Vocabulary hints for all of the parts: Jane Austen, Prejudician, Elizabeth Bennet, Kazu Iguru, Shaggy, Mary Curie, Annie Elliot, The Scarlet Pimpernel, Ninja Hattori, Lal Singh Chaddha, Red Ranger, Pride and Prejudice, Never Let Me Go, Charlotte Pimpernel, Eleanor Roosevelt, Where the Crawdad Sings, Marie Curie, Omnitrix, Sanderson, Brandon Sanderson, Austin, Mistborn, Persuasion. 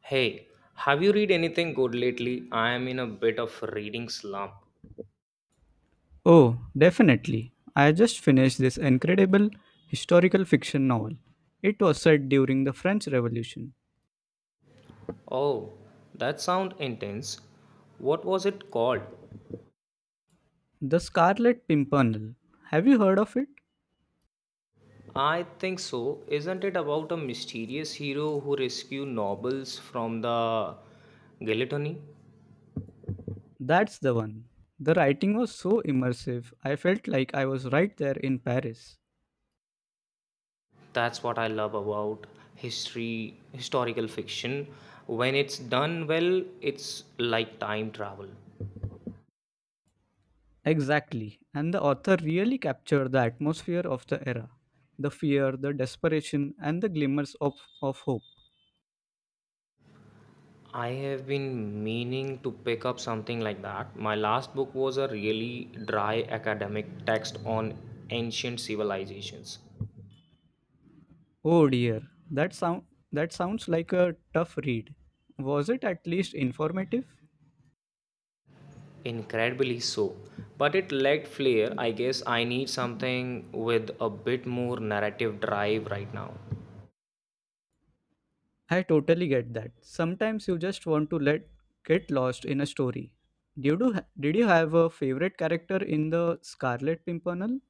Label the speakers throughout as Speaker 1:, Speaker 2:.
Speaker 1: Hey, have you read anything good lately? I am in a bit of a reading slump.
Speaker 2: Oh, definitely. I just finished this incredible historical fiction novel. It was set during the French Revolution.
Speaker 1: Oh, that sounds intense. What was it called?
Speaker 2: The Scarlet Pimpernel. Have you heard of it?
Speaker 1: I think so. Isn't it about a mysterious hero who rescue nobles from the guillotine?
Speaker 2: That's the one. The writing was so immersive, I felt like I was right there in Paris.
Speaker 1: That's what I love about historical fiction. When it's done well, it's like time travel.
Speaker 2: Exactly, and the author really captured the atmosphere of the era, the fear, the desperation, and the glimmers of hope.
Speaker 1: I have been meaning to pick up something like that. My last book was a really dry academic text on ancient civilizations.
Speaker 2: Oh dear, that sound that sounds like a tough read. Was it at least informative?
Speaker 1: Incredibly so. But it lacked flair. I guess I need something with a bit more narrative drive right now.
Speaker 2: I totally get that. Sometimes you just want to let get lost in a story. Did you have a favorite character in the Scarlet Pimpernel?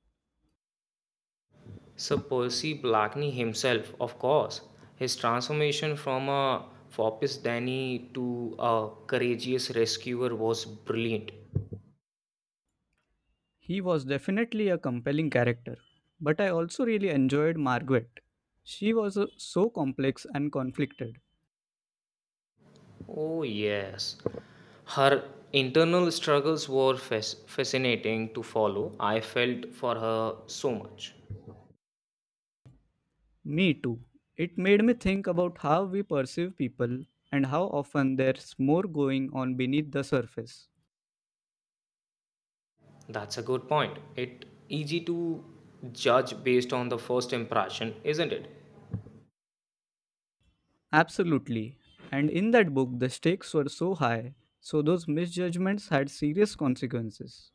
Speaker 1: Sir Percy Blackney himself, of course. His transformation from a Fopis Danny to a courageous rescuer was brilliant.
Speaker 2: He was definitely a compelling character, but I also really enjoyed Margaret. She was so complex and conflicted.
Speaker 1: Oh, yes. Her internal struggles were fascinating to follow. I felt for her so much.
Speaker 2: Me too. It made me think about how we perceive people and how often there's more going on beneath the surface.
Speaker 1: That's a good point. It easy to judge based on the first impression, isn't it?
Speaker 2: Absolutely. And in that book, the stakes were so high, so those misjudgments had serious consequences.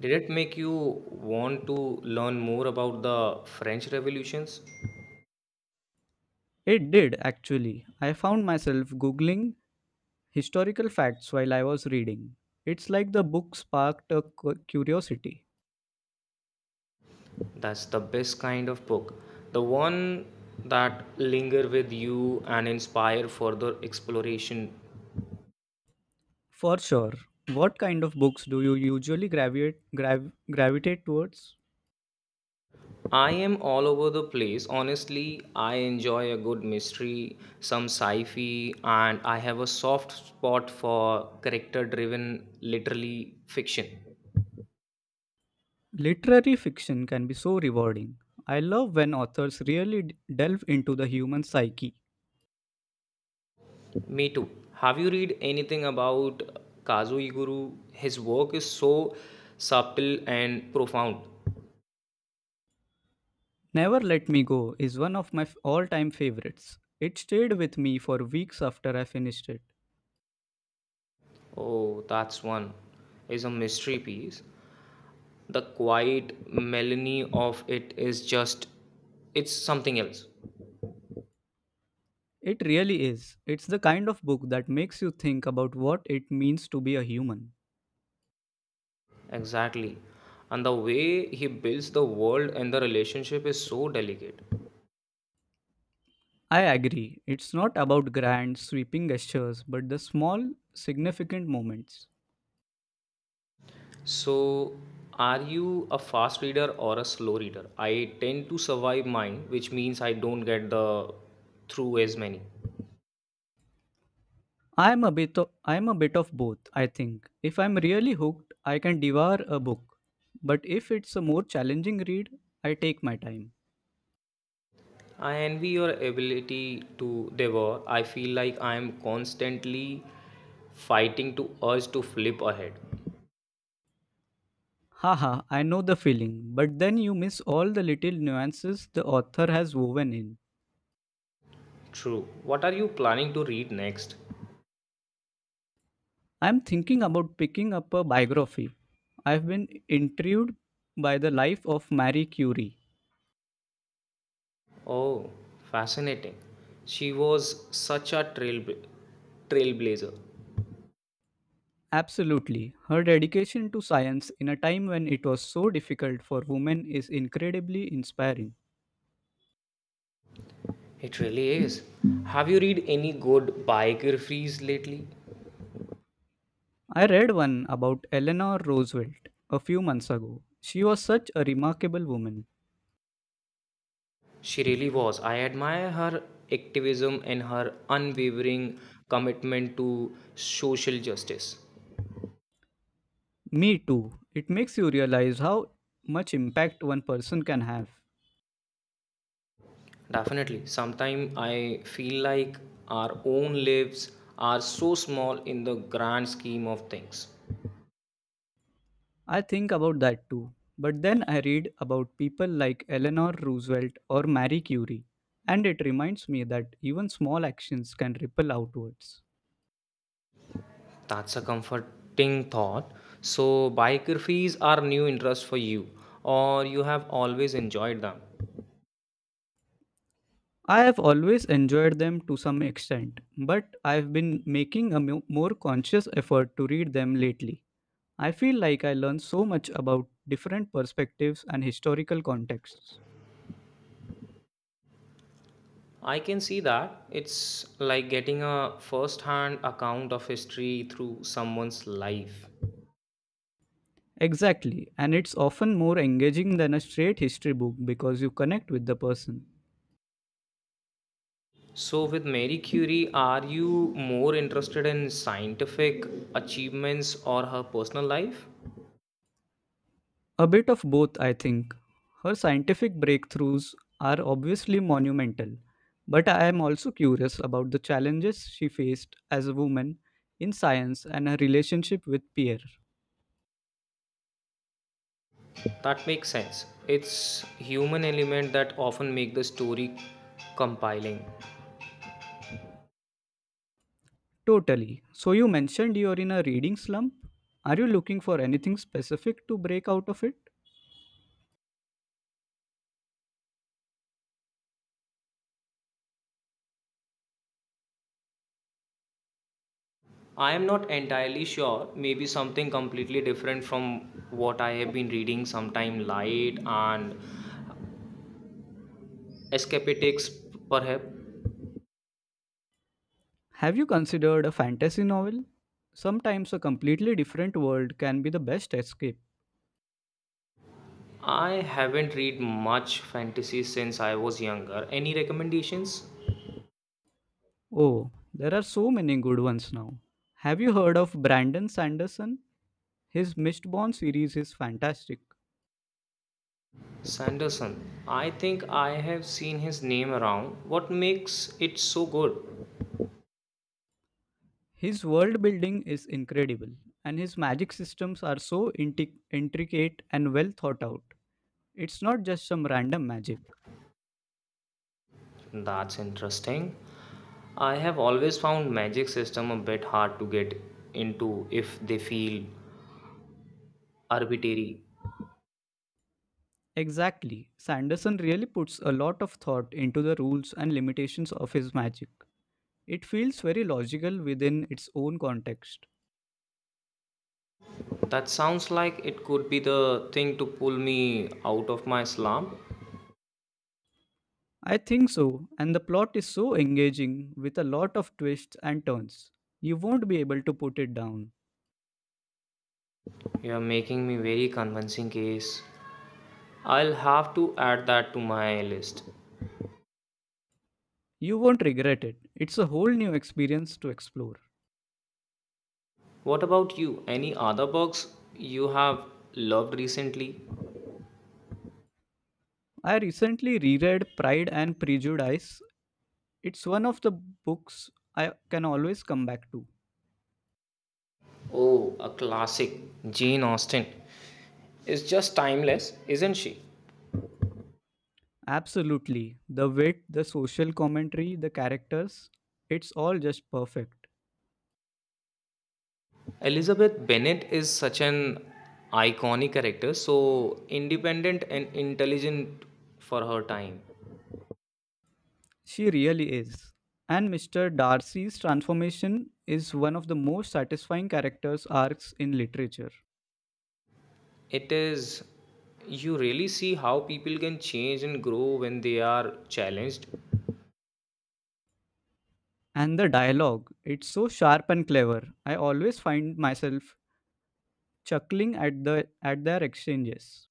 Speaker 1: Did it make you want to learn more about the French revolutions?
Speaker 2: It did, actually. I found myself Googling historical facts while I was reading. It's like the book sparked a curiosity.
Speaker 1: That's the best kind of book. The one that linger with you and inspire further exploration.
Speaker 2: For sure. What kind of books do you usually gravitate towards?
Speaker 1: I am all over the place. Honestly, I enjoy a good mystery, some sci fi, and I have a soft spot for character driven literary fiction.
Speaker 2: Literary fiction can be so rewarding. I love when authors really delve into the human psyche.
Speaker 1: Me too. Have you read anything about Kazu Iguru? His work is so subtle and profound.
Speaker 2: Never Let Me Go is one of my all time favorites. It stayed with me for weeks after I finished it.
Speaker 1: Oh, that's one. Is a mystery piece. The quiet melody of it is just it's something else.
Speaker 2: It really is. It's the kind of book that makes you think about what it means to be a human.
Speaker 1: Exactly. And the way he builds the world and the relationship is so delicate.
Speaker 2: I agree. It's not about grand, sweeping gestures, but the small, significant moments.
Speaker 1: So, are you a fast reader or a slow reader? I tend to survive mine, which means I don't get the through as many.
Speaker 2: I'm a bit of both, I think. If I'm really hooked, I can devour a book. But if it's a more challenging read, I take my time.
Speaker 1: I envy your ability to devour. I feel like I am constantly fighting to urge to flip ahead.
Speaker 2: Haha, I know the feeling, but then you miss all the little nuances the author has woven in.
Speaker 1: True. What are you planning to read next?
Speaker 2: I'm thinking about picking up a biography. I've been intrigued by the life of Marie Curie.
Speaker 1: Oh, fascinating. She was such a trailblazer.
Speaker 2: Absolutely. Her dedication to science in a time when it was so difficult for women is incredibly inspiring.
Speaker 1: It really is. Have you read any good biographies lately?
Speaker 2: I read one about Eleanor Roosevelt a few months ago. She was such a remarkable woman.
Speaker 1: She really was. I admire her activism and her unwavering commitment to social justice.
Speaker 2: Me too. It makes you realize how much impact one person can have.
Speaker 1: Definitely. Sometimes I feel like our own lives are so small in the grand scheme of things.
Speaker 2: I think about that too. But then I read about people like Eleanor Roosevelt or Marie Curie, and it reminds me that even small actions can ripple outwards.
Speaker 1: That's a comforting thought. So, biographies are new interest for you, or you have always enjoyed them.
Speaker 2: I have always enjoyed them to some extent, but I've been making a more conscious effort to read them lately. I feel like I learned so much about different perspectives and historical contexts.
Speaker 1: I can see that. It's like getting a first hand account of history through someone's life.
Speaker 2: Exactly, and it's often more engaging than a straight history book because you connect with the person.
Speaker 1: So, with Mary Curie, are you more interested in scientific achievements or her personal life?
Speaker 2: A bit of both, I think. Her scientific breakthroughs are obviously monumental, but I am also curious about the challenges she faced as a woman in science and her relationship with peer.
Speaker 1: That makes sense. It's human element that often make the story compiling.
Speaker 2: Totally. So, you mentioned you're in a reading slump. Are you looking for anything specific to break out of it?
Speaker 1: I am not entirely sure. Maybe something completely different from what I have been reading, sometime light and escapatics, perhaps.
Speaker 2: Have you considered a fantasy novel? Sometimes a completely different world can be the best escape.
Speaker 1: I haven't read much fantasy since I was younger. Any recommendations?
Speaker 2: Oh, there are so many good ones now. Have you heard of Brandon Sanderson? His Mistborn series is fantastic.
Speaker 1: Sanderson. I think I have seen his name around. What makes it so good?
Speaker 2: His world building is incredible, and his magic systems are so intricate and well thought out. It's not just some random magic.
Speaker 1: That's interesting. I have always found magic system a bit hard to get into if they feel arbitrary.
Speaker 2: Exactly. Sanderson really puts a lot of thought into the rules and limitations of his magic. It feels very logical within its own context.
Speaker 1: That sounds like it could be the thing to pull me out of my slump.
Speaker 2: I think so, and the plot is so engaging with a lot of twists and turns. You won't be able to put it down.
Speaker 1: You're making me very convincing case. I'll have to add that to my list.
Speaker 2: You won't regret it. It's a whole new experience to explore.
Speaker 1: What about you? Any other books you have loved recently?
Speaker 2: I recently reread Pride and Prejudice. It's one of the books I can always come back to.
Speaker 1: Oh, a classic, Jane Austen. Is just timeless, isn't she?
Speaker 2: Absolutely. The wit, the social commentary, the characters, it's all just perfect.
Speaker 1: Elizabeth Bennet is such an iconic character, so independent and intelligent for her time.
Speaker 2: She really is. And Mr. Darcy's transformation is one of the most satisfying characters arcs in literature.
Speaker 1: It is, you really see how people can change and grow when they are challenged.
Speaker 2: And the dialogue, it's so sharp and clever. I always find myself chuckling at their exchanges.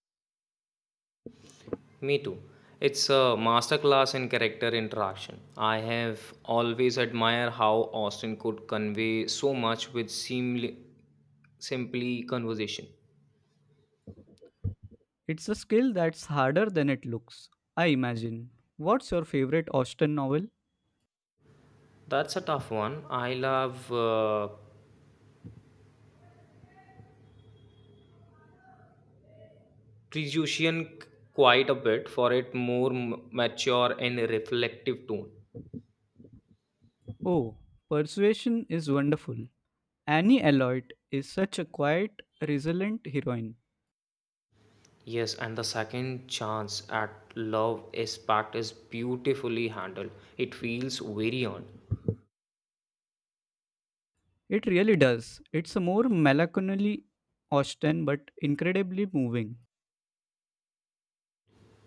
Speaker 1: Me too. It's a masterclass in character interaction. I have always admired how Austin could convey so much with seemly, simply conversation.
Speaker 2: It's a skill that's harder than it looks, I imagine. What's your favorite Austen novel?
Speaker 1: That's a tough one. I love Prejudician quite a bit for its more mature and reflective tone.
Speaker 2: Oh, Persuasion is wonderful. Annie Elliot is such a quiet, resilient heroine.
Speaker 1: Yes, and the second chance at love is beautifully handled. It feels very on.
Speaker 2: It really does. It's a more melancholy Austen, but incredibly moving.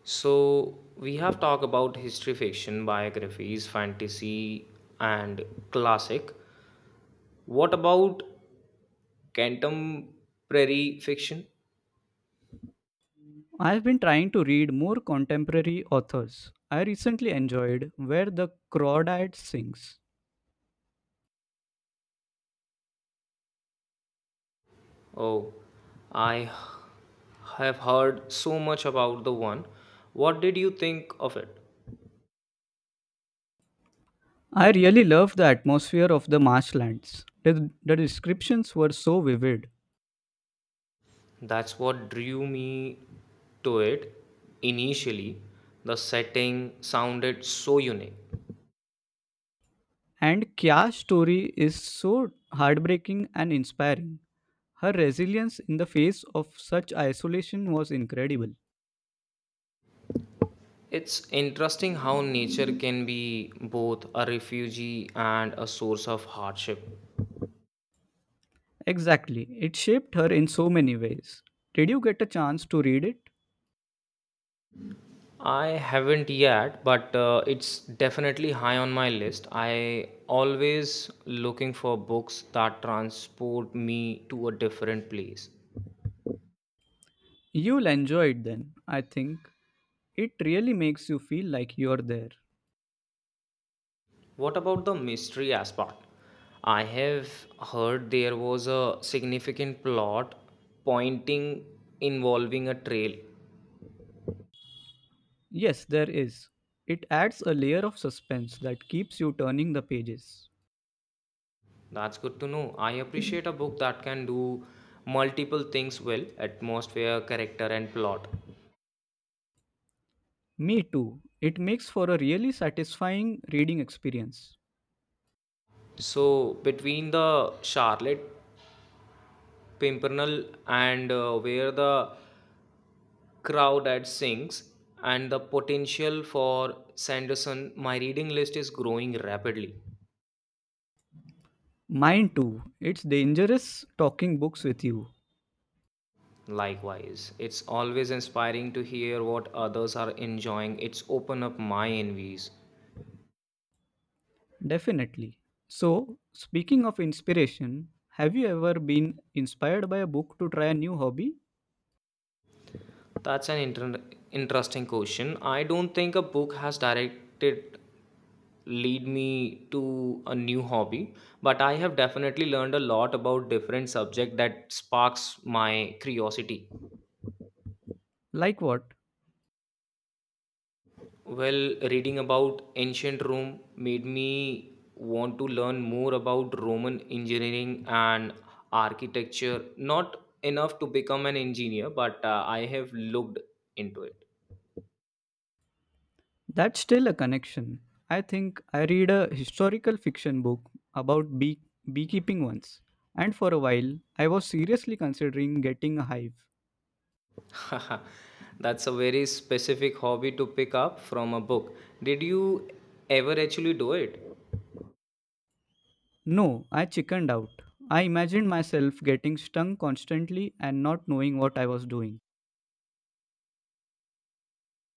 Speaker 1: So we have talked about history fiction, biographies, fantasy, and classic. What about contemporary fiction?
Speaker 2: I've been trying to read more contemporary authors. I recently enjoyed Where the Crawdad Sings.
Speaker 1: Oh, I have heard so much about the one. What did you think of it?
Speaker 2: I really loved the atmosphere of the marshlands. The descriptions were so vivid.
Speaker 1: That's what drew me to it initially. The setting sounded so unique.
Speaker 2: And Kya's story is so heartbreaking and inspiring. Her resilience in the face of such isolation was incredible.
Speaker 1: It's interesting how nature can be both a refuge and a source of hardship.
Speaker 2: Exactly. It shaped her in so many ways. Did you get a chance to read it?
Speaker 1: I haven't yet, but it's definitely high on my list. I always looking for books that transport me to a different place.
Speaker 2: You'll enjoy it then, I think. It really makes you feel like you're there.
Speaker 1: What about the mystery aspect? I have heard there was a significant plot pointing involving a trail.
Speaker 2: Yes, there is. It adds a layer of suspense that keeps you turning the pages.
Speaker 1: That's good to know. I appreciate a book that can do multiple things well atmosphere, character, and plot.
Speaker 2: Me too. It makes for a really satisfying reading experience.
Speaker 1: So, between the Charlotte Pimpernel and where the crowd at sings and the potential for Sanderson, my reading list is growing rapidly.
Speaker 2: Mine too. It's dangerous talking books with you.
Speaker 1: Likewise, it's always inspiring to hear what others are enjoying. It's open up my envies.
Speaker 2: Definitely. So, speaking of inspiration, have you ever been inspired by a book to try a new hobby?
Speaker 1: That's an interesting question. I don't think a book has directed lead me to a new hobby, but I have definitely learned a lot about different subject that sparks my curiosity.
Speaker 2: Like what?
Speaker 1: Well, reading about ancient Rome made me want to learn more about Roman engineering and architecture. Not enough to become an engineer, but I have looked into it.
Speaker 2: That's still a connection. I think I read a historical fiction book about beekeeping once, and for a while I was seriously considering getting a hive.
Speaker 1: That's a very specific hobby to pick up from a book. Did you ever actually do it?
Speaker 2: No, I chickened out. I imagined myself getting stung constantly and not knowing what I was doing.